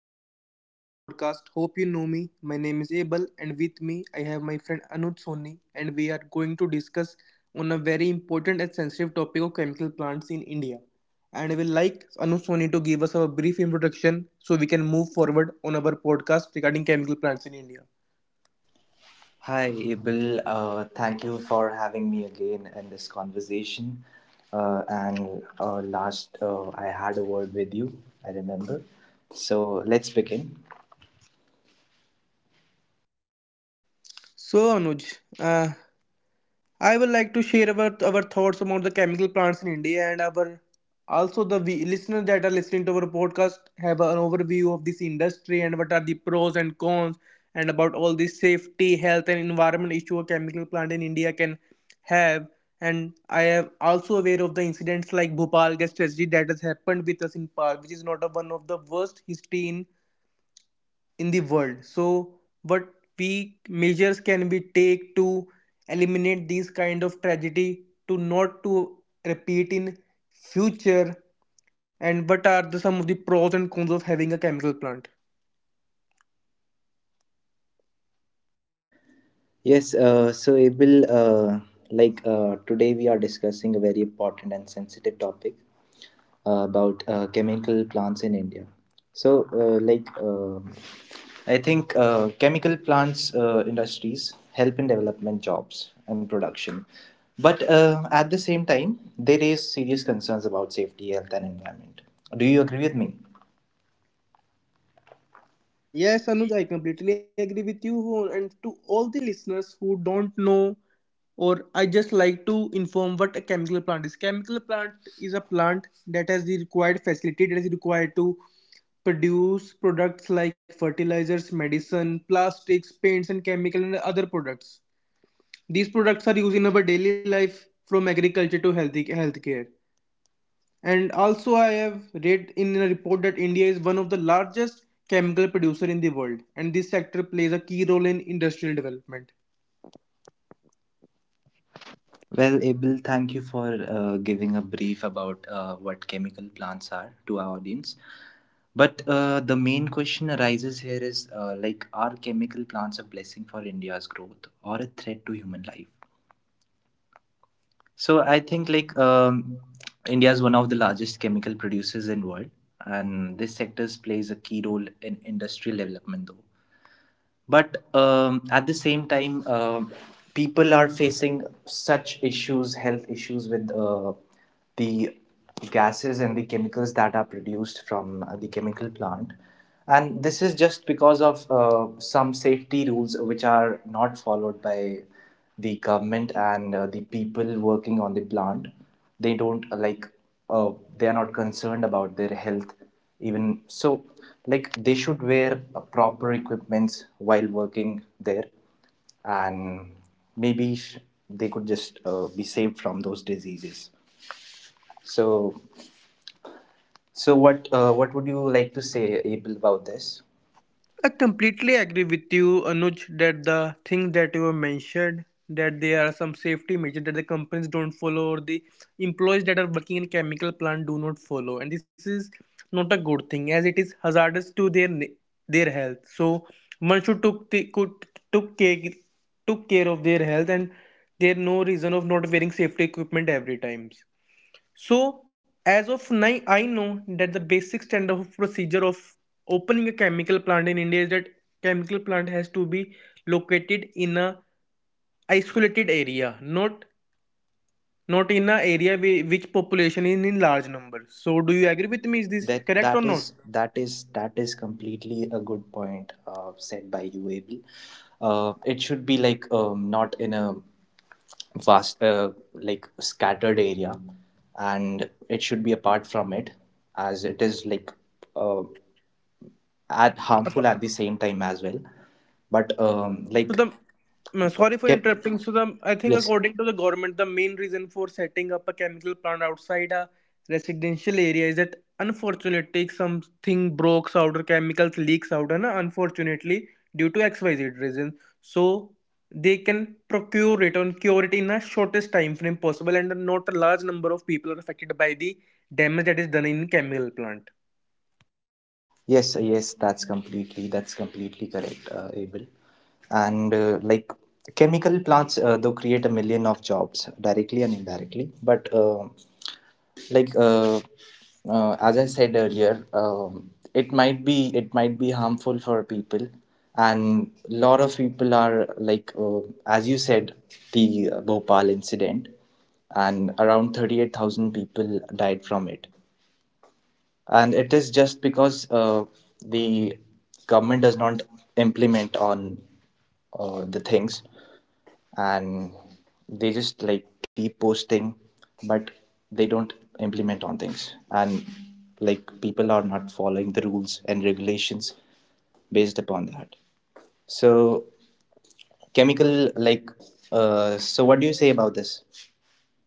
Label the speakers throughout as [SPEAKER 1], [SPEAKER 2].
[SPEAKER 1] and welcome back to our podcast. Hope you know me. My name is Abel, and with me, I have my friend Anuj Soni, and we are going to discuss on a very important and sensitive topic of chemical plants in India. And I will like Anuj Soni to give us a brief introduction so we can move forward on our podcast regarding chemical plants in India.
[SPEAKER 2] Hi, Abel. Thank you for having me again in this conversation. And Last, I had a word with you, I remember. So let's begin.
[SPEAKER 1] So, Anuj, I would like to share about our thoughts about the chemical plants in India and our also the we, listeners that are listening to our podcast have an overview of this industry and what are the pros and cons and about all the safety, health and environment issue a chemical plant in India can have. And I am also aware of the incidents like Bhopal gas tragedy that has happened with us in Park, which is not a, one of the worst history in the world. So what we measures can we take to eliminate these kind of tragedy to not to repeat in future, and what are the some of the pros and cons of having a chemical plant?
[SPEAKER 2] Yes, so Abel, today we are discussing a very important and sensitive topic about chemical plants in India. So, like, I think chemical plants, industries help in development, jobs and production, but at the same time, they raise serious concerns about safety, health, and environment. Do you agree with me?
[SPEAKER 1] Yes Anuj, I completely agree with you. And to all the listeners who don't know, or I just like to inform what a chemical plant is. Chemical plant is a plant that has the required facility that is required to produce products like fertilizers, medicine, plastics, paints, and chemical and other products. These products are used in our daily life from agriculture to healthy healthcare. And also, I have read in a report that India is one of the largest chemical producer in the world, and this sector plays a key role in industrial development.
[SPEAKER 2] Well, Abel, thank you for giving a brief about what chemical plants are to our audience. But the main question arises here is like, are chemical plants a blessing for India's growth or a threat to human life? So I think India is one of the largest chemical producers in world, and this sector plays a key role in industrial development though, but at the same time, people are facing such issues, health issues with the gases and the chemicals that are produced from the chemical plant, and this is just because of some safety rules which are not followed by the government and the people working on the plant. They don't uh, they are not concerned about their health even. So like they should wear proper equipments while working there, and maybe they could just be saved from those diseases. So what would you like to say, abel, about this?
[SPEAKER 1] I completely agree with you, Anuj, that the thing that you have mentioned, that there are some safety measures that the companies don't follow or the employees that are working in chemical plant do not follow. And this is not a good thing as it is hazardous to their their health. So one should took care took care of their health, and there no reason of not wearing safety equipment every times. So, as of now, I know that the basic standard of procedure of opening a chemical plant in India is that chemical plant has to be located in a isolated area, not in a area which population is in large number. So, do you agree with me? Is this
[SPEAKER 2] That
[SPEAKER 1] correct or
[SPEAKER 2] that
[SPEAKER 1] not?
[SPEAKER 2] is that is that is completely a good point said by you, Abel. It should be like not in a vast, like scattered area, and it should be apart from it, as it is like uh, at harmful at the same time as well. But
[SPEAKER 1] So the Sorry for
[SPEAKER 2] ke-
[SPEAKER 1] interrupting. So the, I think
[SPEAKER 2] yes.
[SPEAKER 1] according to the government, the main reason for setting up a chemical plant outside a residential area is that unfortunately something breaks out or chemicals leaks out, and unfortunately due to X Y Z reason, so they can procure it and cure it in a shortest time frame possible, and not a large number of people are affected by the damage that is done in chemical plant.
[SPEAKER 2] Yes, that's completely correct, Abel. And like chemical plants, though create a million of jobs directly and indirectly. But like uh, as I said earlier, it might be harmful for people, and lot of people are like as you said the Bhopal incident, and around 38,000 people died from it, and it is just because the government does not implement on the things, and they just like keep posting, but they don't implement on things, and like people are not following the rules and regulations based upon that. So chemical like so what do you say about this?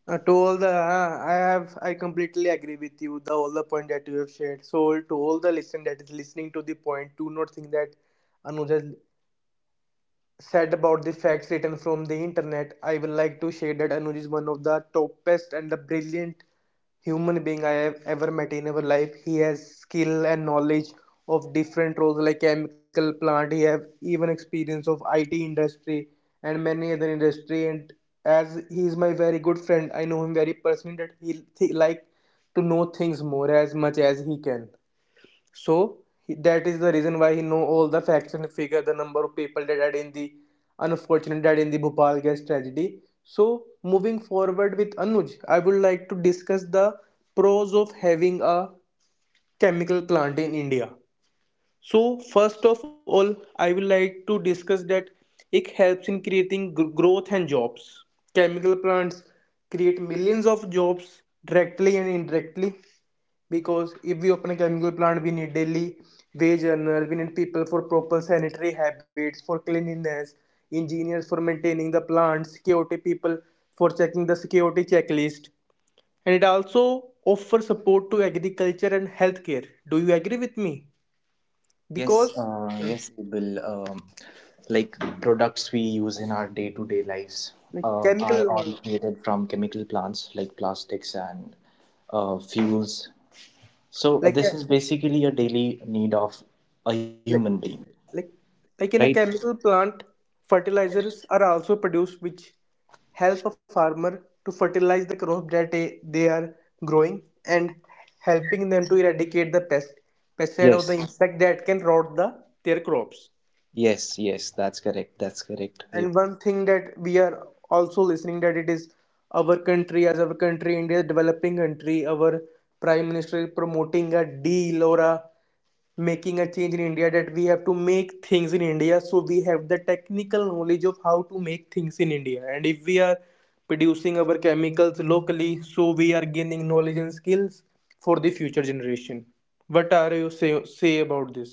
[SPEAKER 1] I have, I completely agree with you. The all the point that you have shared. So to all the listen that is listening to the point, do not think that Anuj has said about the facts written from the internet. I will like to share that Anuj is one of the top best and the brilliant human being I have ever met in our life. He has skill and knowledge of different roles like chemical plant. He have even experience of IT industry and many other industry. And as he is my very good friend, I know him very personally that he like to know things more as much as he can. So that is the reason why he know all the facts and figure, the number of people that died in the unfortunate died in the Bhopal gas tragedy. So moving forward with Anuj, I would like to discuss the pros of having a chemical plant in India. So, first of all, I will like to discuss that it helps in creating growth and jobs. Chemical plants create millions of jobs directly and indirectly, because if we open a chemical plant, we need daily wage earners, we need people for proper sanitary habits, for cleanliness, engineers for maintaining the plants, security people for checking the security checklist, and it also offers support to agriculture and healthcare. Do you agree with me?
[SPEAKER 2] Yes,
[SPEAKER 1] Because
[SPEAKER 2] uh,
[SPEAKER 1] uh,
[SPEAKER 2] yes, Abel. Like products we use in our day-to-day lives
[SPEAKER 1] like
[SPEAKER 2] are
[SPEAKER 1] chemical
[SPEAKER 2] all created from chemical plants like plastics and fuels. So
[SPEAKER 1] like
[SPEAKER 2] this
[SPEAKER 1] a-
[SPEAKER 2] is basically a daily need of a human
[SPEAKER 1] like
[SPEAKER 2] being,
[SPEAKER 1] like
[SPEAKER 2] right?
[SPEAKER 1] like in a chemical plant fertilizers are also produced which help a farmer to fertilize the crop that they are growing, and helping them to eradicate the pesticide or
[SPEAKER 2] Yes,
[SPEAKER 1] the insect that can rot the their crops.
[SPEAKER 2] yes. That's correct. Abel.
[SPEAKER 1] And one thing that we are also listening that it is our country, as our country India developing country, our prime minister is promoting a deal or a making a change in India that we have to make things in India, so we have the technical knowledge of how to make things in India. And if we are producing our chemicals locally, so we are gaining knowledge and skills for the future generation. What are you say about this?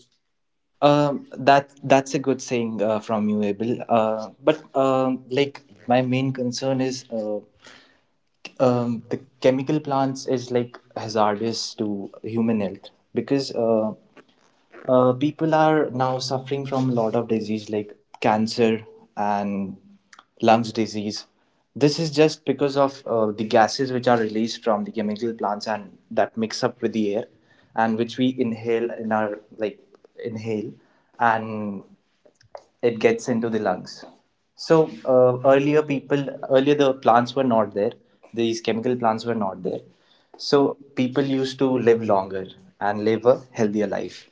[SPEAKER 2] That that's a good saying from you, Abel. But like My main concern is. The chemical plants is like hazardous to human health, because people are now suffering from a lot of disease like cancer and lungs disease. This is just because of the gases which are released from the chemical plants and that mix up with the air, and which we inhale in our like, inhale, and it gets into the lungs. So earlier people, earlier the plants were not there. These chemical plants were not there. So people used to live longer and live a healthier life.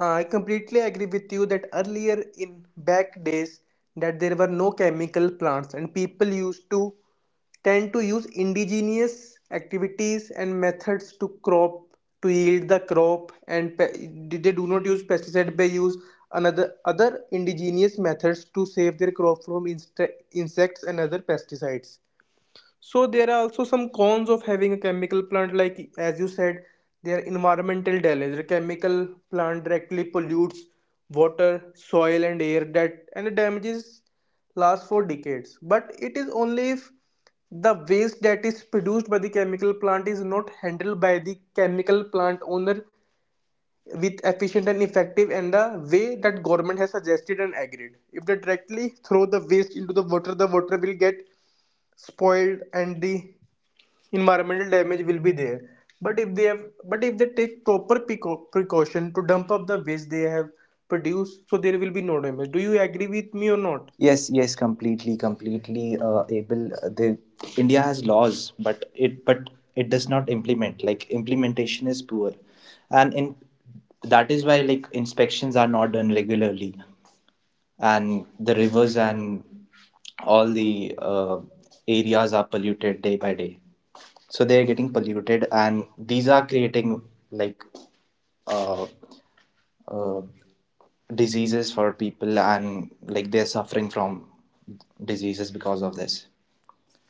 [SPEAKER 1] I completely agree with you that earlier in back days that there were no chemical plants, and people used to tend to use indigenous activities and methods to crop to yield the crop. And they do not use pesticide, they use another other indigenous methods to save their crop from insects and other pesticides. So there are also some cons of having a chemical plant, like as you said, there are environmental damage. The chemical plant directly pollutes water, soil, and air that, and the damages last for decades. But it is only if the waste that is produced by the chemical plant is not handled by the chemical plant owner with efficient and effective and the way that government has suggested and agreed. If they directly throw the waste into the water, the water will get spoiled and the environmental damage will be there. but if they have but if they take proper precaution to dump up the waste they have produced, so there will be no damage. Do you agree with me or not?
[SPEAKER 2] Yes, completely able. The India has laws, but it does not implement. Like implementation is poor, and in that is why like inspections are not done regularly. And the rivers and all the areas are polluted day by day. So they are getting polluted, and these are creating like uh, uh, diseases for people, and like they're suffering from diseases because of this.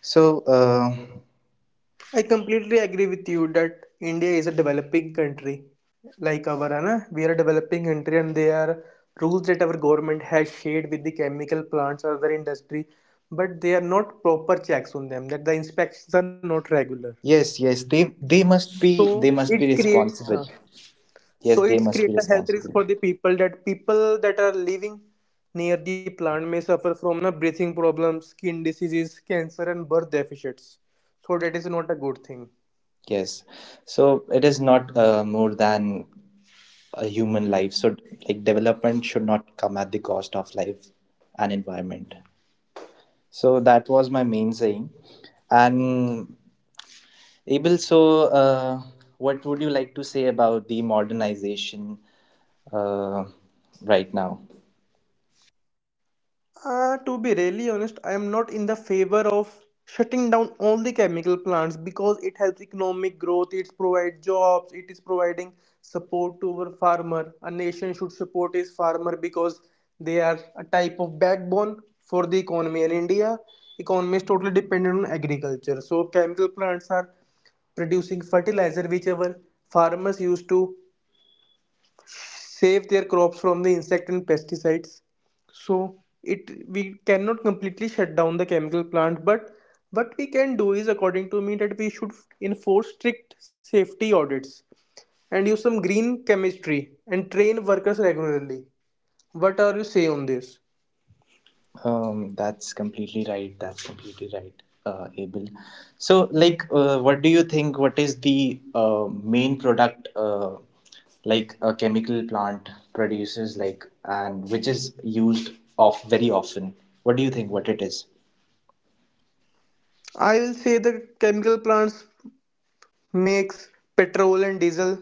[SPEAKER 2] So uh,
[SPEAKER 1] I completely agree with you that India is a developing country. Like we are a developing country, and there are rules that our government has shared with the chemical plants or other industry, but they are not proper checks on them, that the inspections are not regular.
[SPEAKER 2] yes yes they they must be,
[SPEAKER 1] So
[SPEAKER 2] they
[SPEAKER 1] it
[SPEAKER 2] must be
[SPEAKER 1] creates uh,
[SPEAKER 2] responsible.
[SPEAKER 1] So
[SPEAKER 2] Yes,
[SPEAKER 1] it's
[SPEAKER 2] they
[SPEAKER 1] create
[SPEAKER 2] must
[SPEAKER 1] a
[SPEAKER 2] be
[SPEAKER 1] health risk for
[SPEAKER 2] responsible.
[SPEAKER 1] the people, that people that are living near the plant may suffer from na breathing problems, skin diseases, cancer, and birth deficits. So that is not a good thing.
[SPEAKER 2] Yes, so it is not more than a human life. So like development should not come at the cost of life and environment. So that was my main saying. And Abel, so what would you like to say about the modernization uh, right now?
[SPEAKER 1] To be really honest, I am not in the favor of shutting down all the chemical plants, because it helps economic growth, it provides jobs, it is providing support to our farmer. A nation should support its farmer, because they are a type of backbone for the economy. And India economy is totally dependent on agriculture. So chemical plants are producing fertilizer which our farmers used to save their crops from the insect and pesticides. So it we cannot completely shut down the chemical plant. But what we can do is, according to me, that we should enforce strict safety audits, and use some green chemistry, and train workers regularly. What are you say on this?
[SPEAKER 2] That's completely right. That's completely right, Abel. So, like, what do you think? What is the main product, like a chemical plant produces, like, and which is used off very often? What do you think? What it is?
[SPEAKER 1] I will say that chemical plants makes petrol and diesel,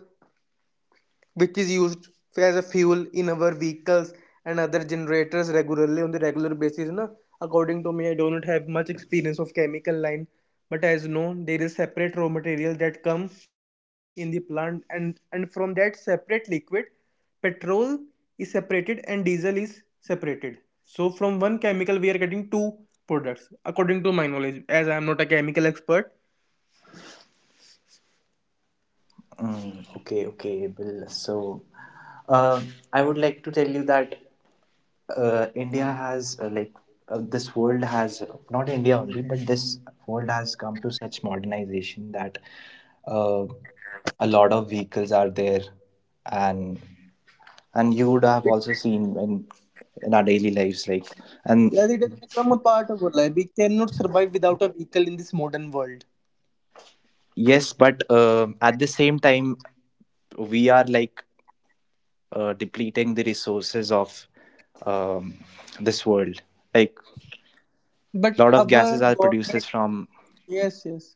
[SPEAKER 1] which is used as a fuel in our vehicles and other generators regularly on the regular basis na. According to me, I do not have much experience of chemical line, but as known there is separate raw material that come in the plant, and from that separate liquid petrol is separated and diesel is separated. So from one chemical we are getting two products, according to my knowledge, as I am not a chemical expert.
[SPEAKER 2] Okay, okay, Bill. So, uh, I would like to tell you that India has this world has not India only, but this world has come to such modernization that uh, a lot of vehicles are there, and and you would have also seen in our daily lives, like and
[SPEAKER 1] Yeah, it has become a part of our life, we cannot survive without a vehicle in this modern world.
[SPEAKER 2] yes, but at the same time, we are like depleting the resources of um, this world. Like
[SPEAKER 1] But
[SPEAKER 2] a lot of
[SPEAKER 1] our
[SPEAKER 2] gases are
[SPEAKER 1] government,
[SPEAKER 2] produced from
[SPEAKER 1] yes, yes,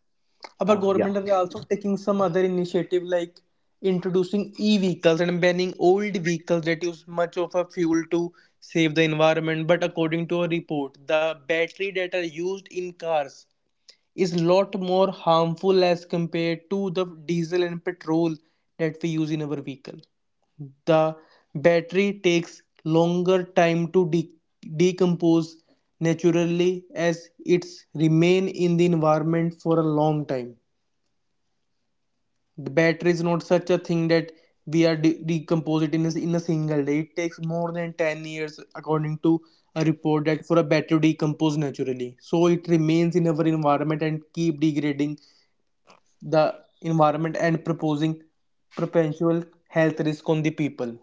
[SPEAKER 1] our
[SPEAKER 2] yeah.
[SPEAKER 1] government are also taking some other initiative, like introducing e-vehicles and banning old vehicles that use much of a fuel, to save the environment. But according to a report, the battery that are used in cars is a lot more harmful as compared to the diesel and petrol that we use in our vehicle. The battery takes longer time to decompose naturally, as it's remain in the environment for a long time. The battery is not such a thing that we are decompose it in in a single day. It takes more than 10 years according to a report, that for a battery to decompose naturally. So it remains in our environment and keep degrading the environment and proposing perpetual health risk on the people.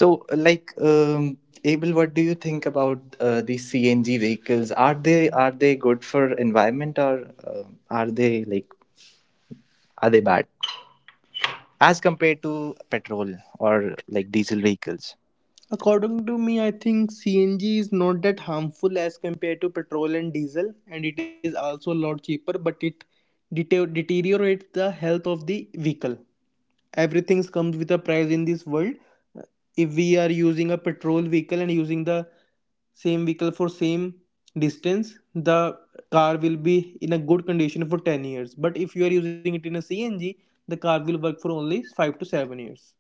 [SPEAKER 2] So like Abel, what do you think about these CNG vehicles? Are they good for environment, or are they like, are they bad as compared to petrol or like diesel vehicles?
[SPEAKER 1] According to me, I think CNG is not that harmful as compared to petrol and diesel, and it is also a lot cheaper, but it deteriorates the health of the vehicle. Everything comes with a price in this world. If we are using a petrol vehicle and using the same vehicle for same distance, the car will be in a good condition for 10 years. But if you are using it in a CNG, the car will work for only 5 to 7 years.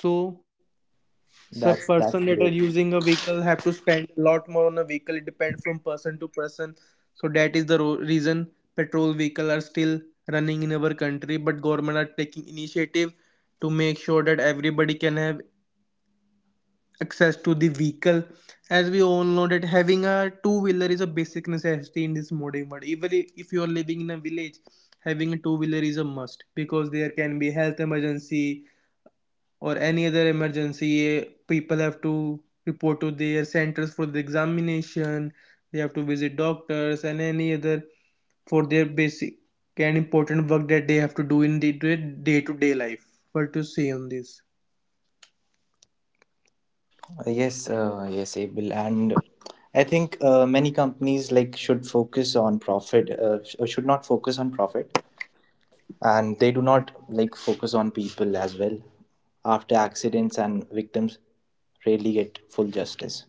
[SPEAKER 1] So so person
[SPEAKER 2] That's
[SPEAKER 1] that are
[SPEAKER 2] great.
[SPEAKER 1] using a vehicle have to spend a lot more on a vehicle, it depends from person to person. So that is the reason petrol vehicle are still running in our country, but government are taking initiative to make sure that everybody can have access to the vehicle. As we all know that having a two wheeler is a basic necessity in this modern world, even if you are living in a village, having a two wheeler is a must because there can be health emergency or any other emergency. People have to report to their centers for the examination, they have to visit doctors and any other for their basic and important work that they have to do in the day to day life. What to say on this?
[SPEAKER 2] Yes, Abel, and I think many companies like should focus on profit, should not focus on profit, and they do not like focus on people as well. After accidents and victims rarely get full justice.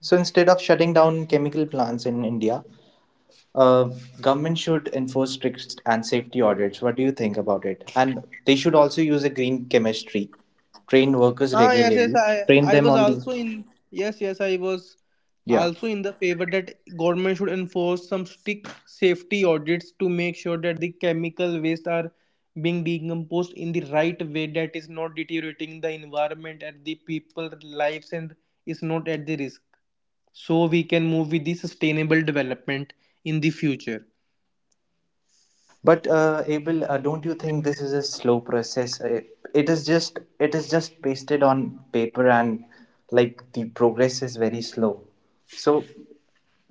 [SPEAKER 2] So instead of shutting down chemical plants in India, uh, government should enforce strict and safety audits. What do you think about it? And they should also use a green chemistry, train workers
[SPEAKER 1] Ah, yes, yes.
[SPEAKER 2] regularly,
[SPEAKER 1] I,
[SPEAKER 2] train
[SPEAKER 1] I
[SPEAKER 2] them
[SPEAKER 1] was
[SPEAKER 2] on the,
[SPEAKER 1] also in. Yes, yes. I was
[SPEAKER 2] yeah.
[SPEAKER 1] also in the favor that government should enforce some strict safety audits to make sure that the chemical waste are being decomposed in the right way, that is not deteriorating the environment and the people lives and is not at the risk. So we can move with the sustainable development in the future.
[SPEAKER 2] But Abel, don't you think this is a slow process? It is just it is just pasted on paper, and like the progress is very slow. So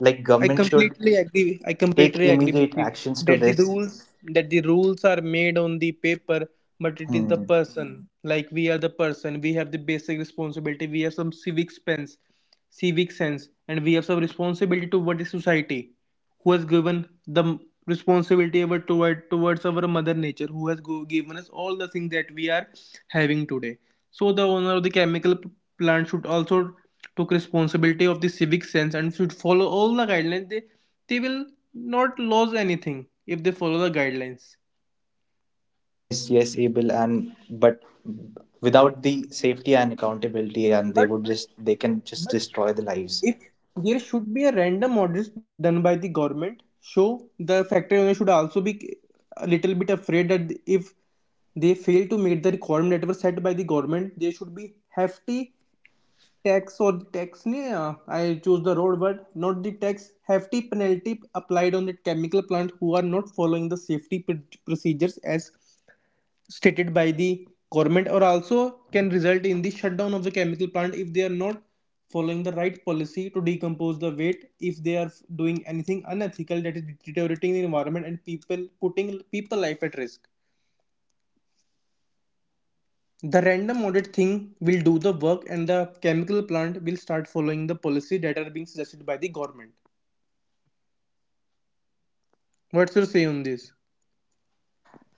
[SPEAKER 2] like
[SPEAKER 1] I
[SPEAKER 2] government should
[SPEAKER 1] completely agree. I
[SPEAKER 2] take
[SPEAKER 1] completely agree with
[SPEAKER 2] immediate
[SPEAKER 1] you
[SPEAKER 2] actions to
[SPEAKER 1] that the
[SPEAKER 2] this.
[SPEAKER 1] rules that the rules are made on the paper, but it is the
[SPEAKER 2] Hmm.
[SPEAKER 1] person. Like we are the person. We have the basic responsibility. We have some civic sense, and we have some responsibility toward the society who has given the responsibility ever towards our mother nature, who has given us all the things that we are having today. So the owner of the chemical plant should also take responsibility of the civic sense and should follow all the guidelines. They will not lose anything if they follow the guidelines.
[SPEAKER 2] Yes, yes, Abel, and but without the safety and accountability, and they
[SPEAKER 1] But
[SPEAKER 2] would just, they can just
[SPEAKER 1] but
[SPEAKER 2] destroy the lives.
[SPEAKER 1] if there should be a random audit done by the government, so the factory owner should also be a little bit afraid that if they fail to meet the requirement that were set by the government, there should be hefty tax or tax. Nahi, I choose the road word, not the tax. Hefty penalty applied on the chemical plant who are not following the safety procedures as stated by the government, or also can result in the shutdown of the chemical plant if they are not following the right policy to decompose the waste, if they are doing anything unethical that is deteriorating the environment and people, putting people life at risk. The random audit thing will do the work and the chemical plant will start following the policy that are being suggested by the government. What's your say on this?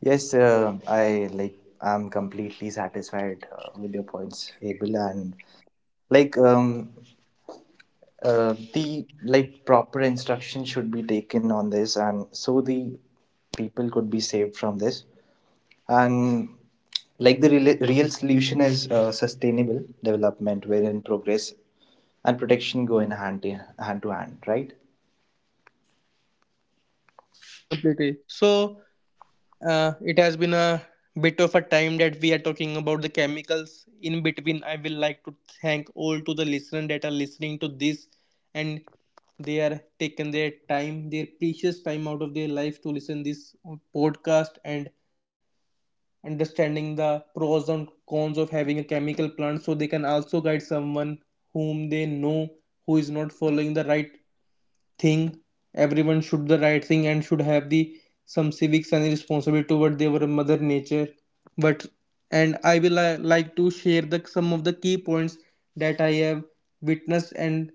[SPEAKER 2] Yes, I like I'm completely satisfied with your points, Abel, and like um the like proper instruction should be taken on this, and so the people could be saved from this, and like the real, real solution is sustainable development wherein progress and protection go in hand to hand, to hand, right?
[SPEAKER 1] I completely so it has been a bit of a time that we are talking about the chemicals. In between, I will like to thank all to the listeners that are listening to this, and they are taking their time, their precious time out of their life to listen this podcast and understanding the pros and cons of having a chemical plant, so they can also guide someone whom they know who is not following the right thing. Everyone should do the right thing and should have the some civics and responsibility toward their mother nature. But and I will like to share the some of the key points that I have witnessed and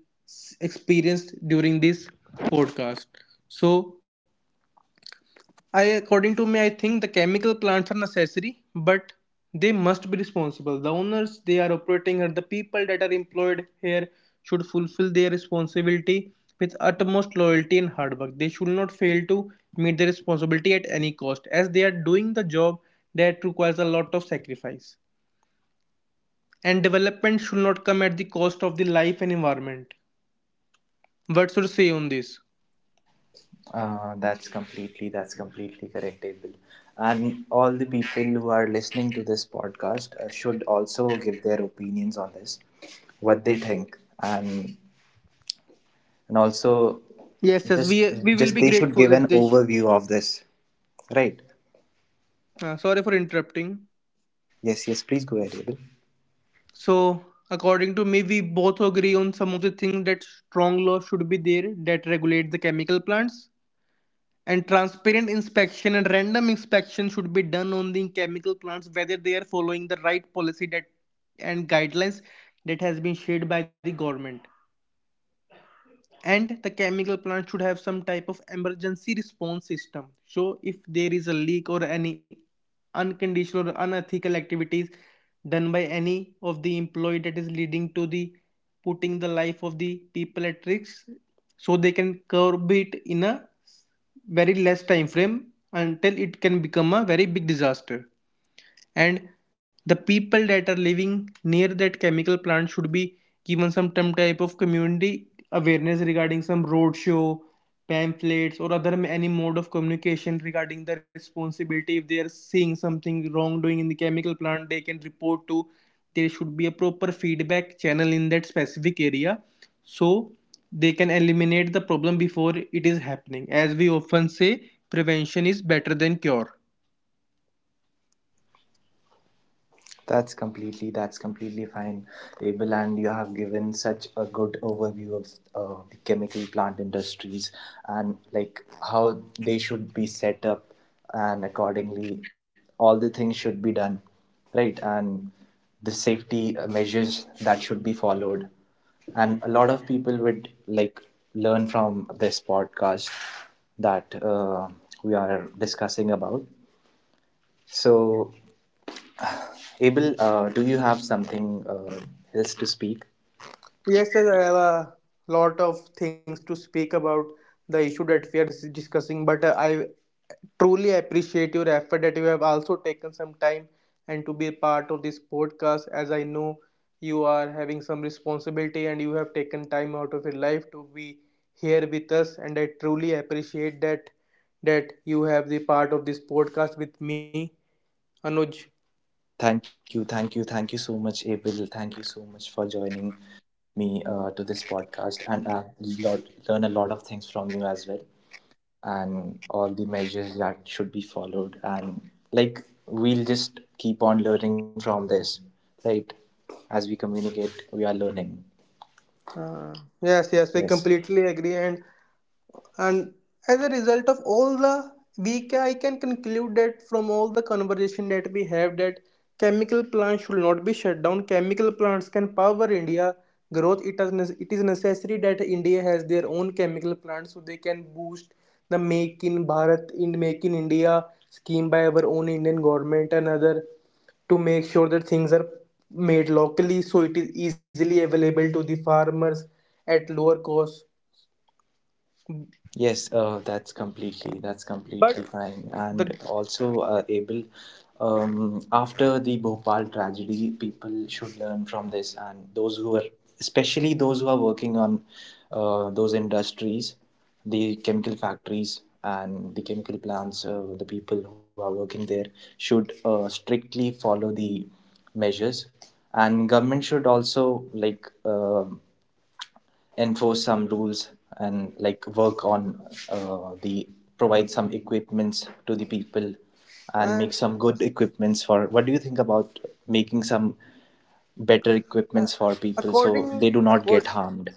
[SPEAKER 1] experienced during this podcast. So I, according to me, I think the chemical plants are necessary, but they must be responsible. The owners they are operating and the people that are employed here should fulfill their responsibility with utmost loyalty and hard work. They should not fail to meet their responsibility at any cost, as they are doing the job that requires a lot of sacrifice. And development should not come at the cost of the life and environment. What should I say on this?
[SPEAKER 2] That's completely correct, Abel. And all the people who are listening to this podcast should also give their opinions on this, what they think. And also,
[SPEAKER 1] Yes, yes, we
[SPEAKER 2] just
[SPEAKER 1] we will be
[SPEAKER 2] just they should
[SPEAKER 1] grateful
[SPEAKER 2] give
[SPEAKER 1] if
[SPEAKER 2] an
[SPEAKER 1] they. Sh-
[SPEAKER 2] overview of this, right?
[SPEAKER 1] sorry for interrupting.
[SPEAKER 2] Yes, yes, please go ahead, Abel.
[SPEAKER 1] So, according to me, we both agree on some of the things that strong laws should be there that regulate the chemical plants. And transparent inspection and random inspection should be done on the chemical plants, whether they are following the right policy that and guidelines that has been shared by the government. And the chemical plant should have some type of emergency response system, so if there is a leak or any unconditional or unethical activities done by any of the employee that is leading to the putting the life of the people at risk, so they can curb it in a very less time frame until it can become a very big disaster. And the people that are living near that chemical plant should be given some type of community awareness regarding some roadshow, pamphlets or other any mode of communication regarding the responsibility. If they are seeing something wrongdoing in the chemical plant, they can report to, there should be a proper feedback channel in that specific area, so they can eliminate the problem before it is happening. As we often say, prevention is better than cure.
[SPEAKER 2] That's completely fine, Abel, and you have given such a good overview of the chemical plant industries, and like how they should be set up, and accordingly, all the things should be done, right? And the safety measures that should be followed, and a lot of people would like learn from this podcast that we are discussing about. So Abel, do you have something else to speak?
[SPEAKER 1] Yes, sir, I have a lot of things to speak about the issue that we are discussing, but I truly appreciate your effort that you have also taken some time and to be a part of this podcast, as I know you are having some responsibility and you have taken time out of your life to be here with us, and I truly appreciate that that you have the part of this podcast with me, Anuj.
[SPEAKER 2] Thank you so much, Abel. Thank you so much for joining me to this podcast, and lot, learn a lot of things from you as well, and all the measures that should be followed. And like, we'll just keep on learning from this, right? As we communicate, we are learning.
[SPEAKER 1] Uh, yes, yes, we
[SPEAKER 2] Yes.
[SPEAKER 1] completely agree, and as a result of all the, we can, I can conclude that from all the conversation that we have, that chemical plants should not be shut down. Chemical plants can power India growth. It is it is necessary that India has their own chemical plants, so they can boost the Make in Bharat in Make in India scheme by our own Indian government and other, to make sure that things are made locally so it is easily available to the farmers at lower cost.
[SPEAKER 2] Yes, that's completely
[SPEAKER 1] But
[SPEAKER 2] fine,
[SPEAKER 1] the
[SPEAKER 2] and also able. After the Bhopal tragedy, people should learn from this, and those who are, especially those who are working on those industries, the chemical factories and the chemical plants, the people who are working there should strictly follow the measures, and government should also enforce some rules, and like work on the provide some equipments to the people and make
[SPEAKER 1] and
[SPEAKER 2] some good equipments. For what do you think about making some better
[SPEAKER 1] uh,
[SPEAKER 2] equipments for people, so they
[SPEAKER 1] according
[SPEAKER 2] do not get
[SPEAKER 1] accord,
[SPEAKER 2] harmed?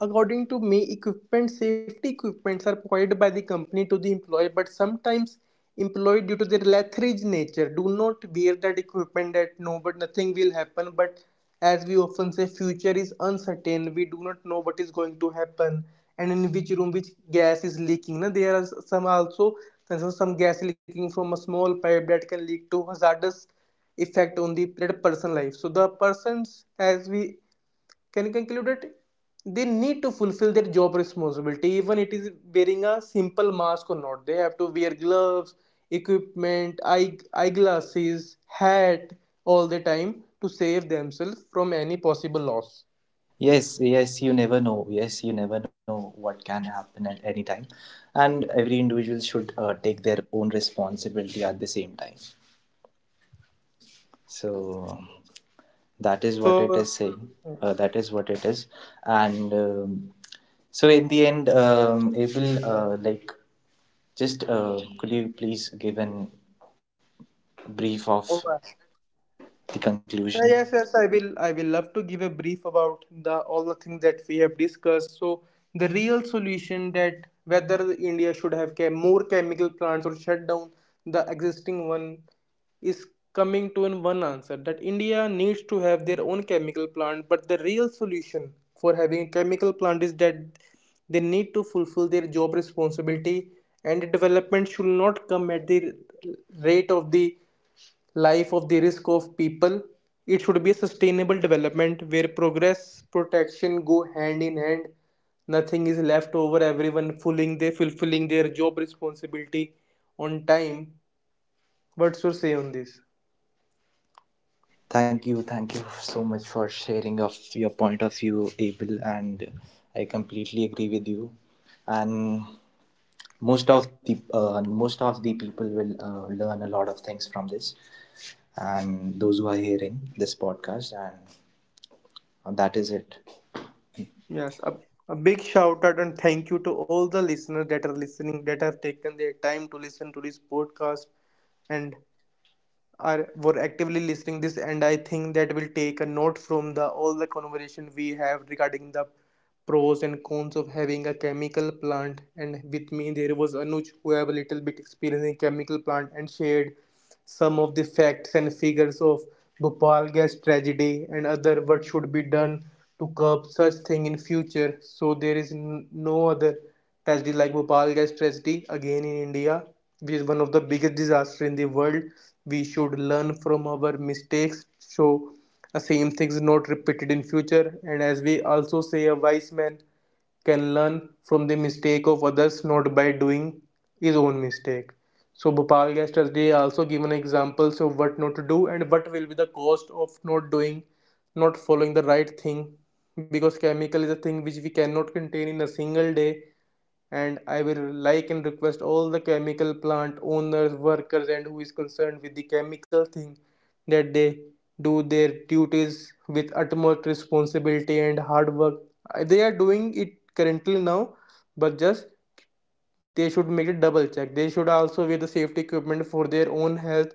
[SPEAKER 1] according to me, equipment safety equipments are provided by the company to the employee, but sometimes employee due to their lethargic nature do not wear that equipment, that no but nothing will happen. But as we often say, future is uncertain. We do not know what is going to happen and in which room which gas is leaking. Now there are some also, there's some gas leaking from a small pipe that can lead to hazardous effect on the person life, so the persons as we can conclude it, they need to fulfill their job responsibility, even it is wearing a simple mask or not, they have to wear gloves, equipment, eyeglasses, hat, all the time to save themselves from any possible loss.
[SPEAKER 2] Yes, yes, you never know. Yes, you never know what can happen at any time, and every individual should take their own responsibility at the same time. So that is what it
[SPEAKER 1] So
[SPEAKER 2] is saying. That is what it is. And so in the end, abel, like, just, could you please give an brief of the conclusion?
[SPEAKER 1] Yes, yes, I will. I will love to give a brief about the all the things that we have discussed. So the real solution, that whether India should have more chemical plants or shut down the existing one, is coming to in one answer that India needs to have their own chemical plant. But the real solution for having a chemical plant is that they need to fulfill their job responsibility, and development should not come at the rate of the life of the risk of people. It should be a sustainable development where progress protection go hand in hand. Nothing is left over. Everyone fulfilling their job responsibility on time. What's your say on this?
[SPEAKER 2] Thank you, thank you so much for sharing of your point of view, abel, and I completely agree with you, and most of the people will learn a lot of things from this, and those who are hearing this podcast. And that is it.
[SPEAKER 1] Yes, a big shout out and thank you to all the listeners that are listening, that have taken their time to listen to this podcast. And are were actively listening this, and I think that will take a note from the all the conversation we have regarding the pros and cons of having a chemical plant. And with me there was Anuj, who have a little bit experience in chemical plant and shared some of the facts and figures of Bhopal gas tragedy and other, what should be done to curb such thing in future, so there is no other tragedy like Bhopal gas tragedy again in India, which is one of the biggest disaster in the world. We should learn from our mistakes, so the same things not repeated in future. And as we also say, a wise man can learn from the mistake of others, not by doing his own mistake. So Bhopal Gas Tragedy also given examples of what not to do and what will be the cost of not doing, not following the right thing, because chemical is a thing which we cannot contain in a single day. And I will like and request all the chemical plant owners, workers, and who is concerned with the chemical thing, that they do their duties with utmost responsibility and hard work. They are doing it currently now, but just they should make a double check. They should also wear the safety equipment for their own health.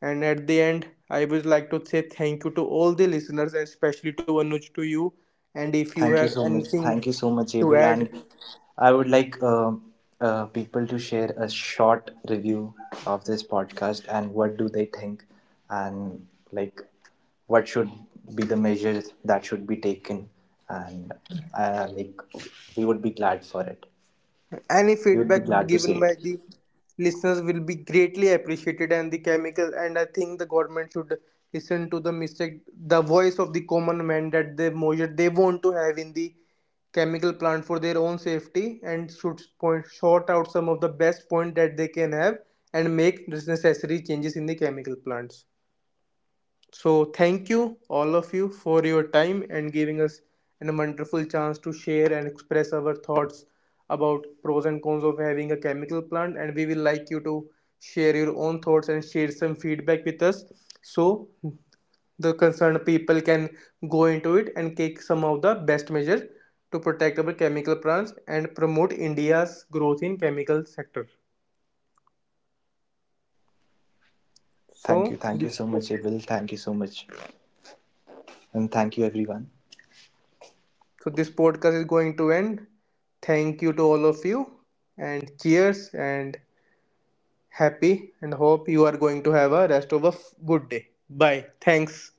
[SPEAKER 1] And at the end, I would like to say thank you to all the listeners and especially to Anuj, to you. And if you
[SPEAKER 2] Thank you
[SPEAKER 1] have
[SPEAKER 2] so much.
[SPEAKER 1] anything
[SPEAKER 2] Thank you so much,
[SPEAKER 1] to
[SPEAKER 2] Abel.
[SPEAKER 1] add,
[SPEAKER 2] And I would like people to share a short review of this podcast and what do they think, and like what should be the measures that should be taken, and like we would be glad for it.
[SPEAKER 1] any
[SPEAKER 2] We would be
[SPEAKER 1] feedback
[SPEAKER 2] glad to see
[SPEAKER 1] given
[SPEAKER 2] it.
[SPEAKER 1] by the listeners will be greatly appreciated. And the chemical, and I think the government should listen to the mistake, the voice of the common man, that they measure they want to have in the chemical plant for their own safety, and should point sort out some of the best point that they can have and make necessary changes in the chemical plants. So, thank you, all of you, for your time and giving us a wonderful chance to share and express our thoughts about pros and cons of having a chemical plant. And we will like you to share your own thoughts and share some feedback with us, so the concerned people can go into it and take some of the best measures to protect our chemical plants and promote India's growth in chemical sector.
[SPEAKER 2] Thank you.
[SPEAKER 1] So,
[SPEAKER 2] Thank you
[SPEAKER 1] this
[SPEAKER 2] so much, Abel. Thank you so much, and thank you everyone.
[SPEAKER 1] so this podcast is going to end. Thank you to all of you, and cheers, and happy, and hope you are going to have a rest of a good day. Bye. Thanks.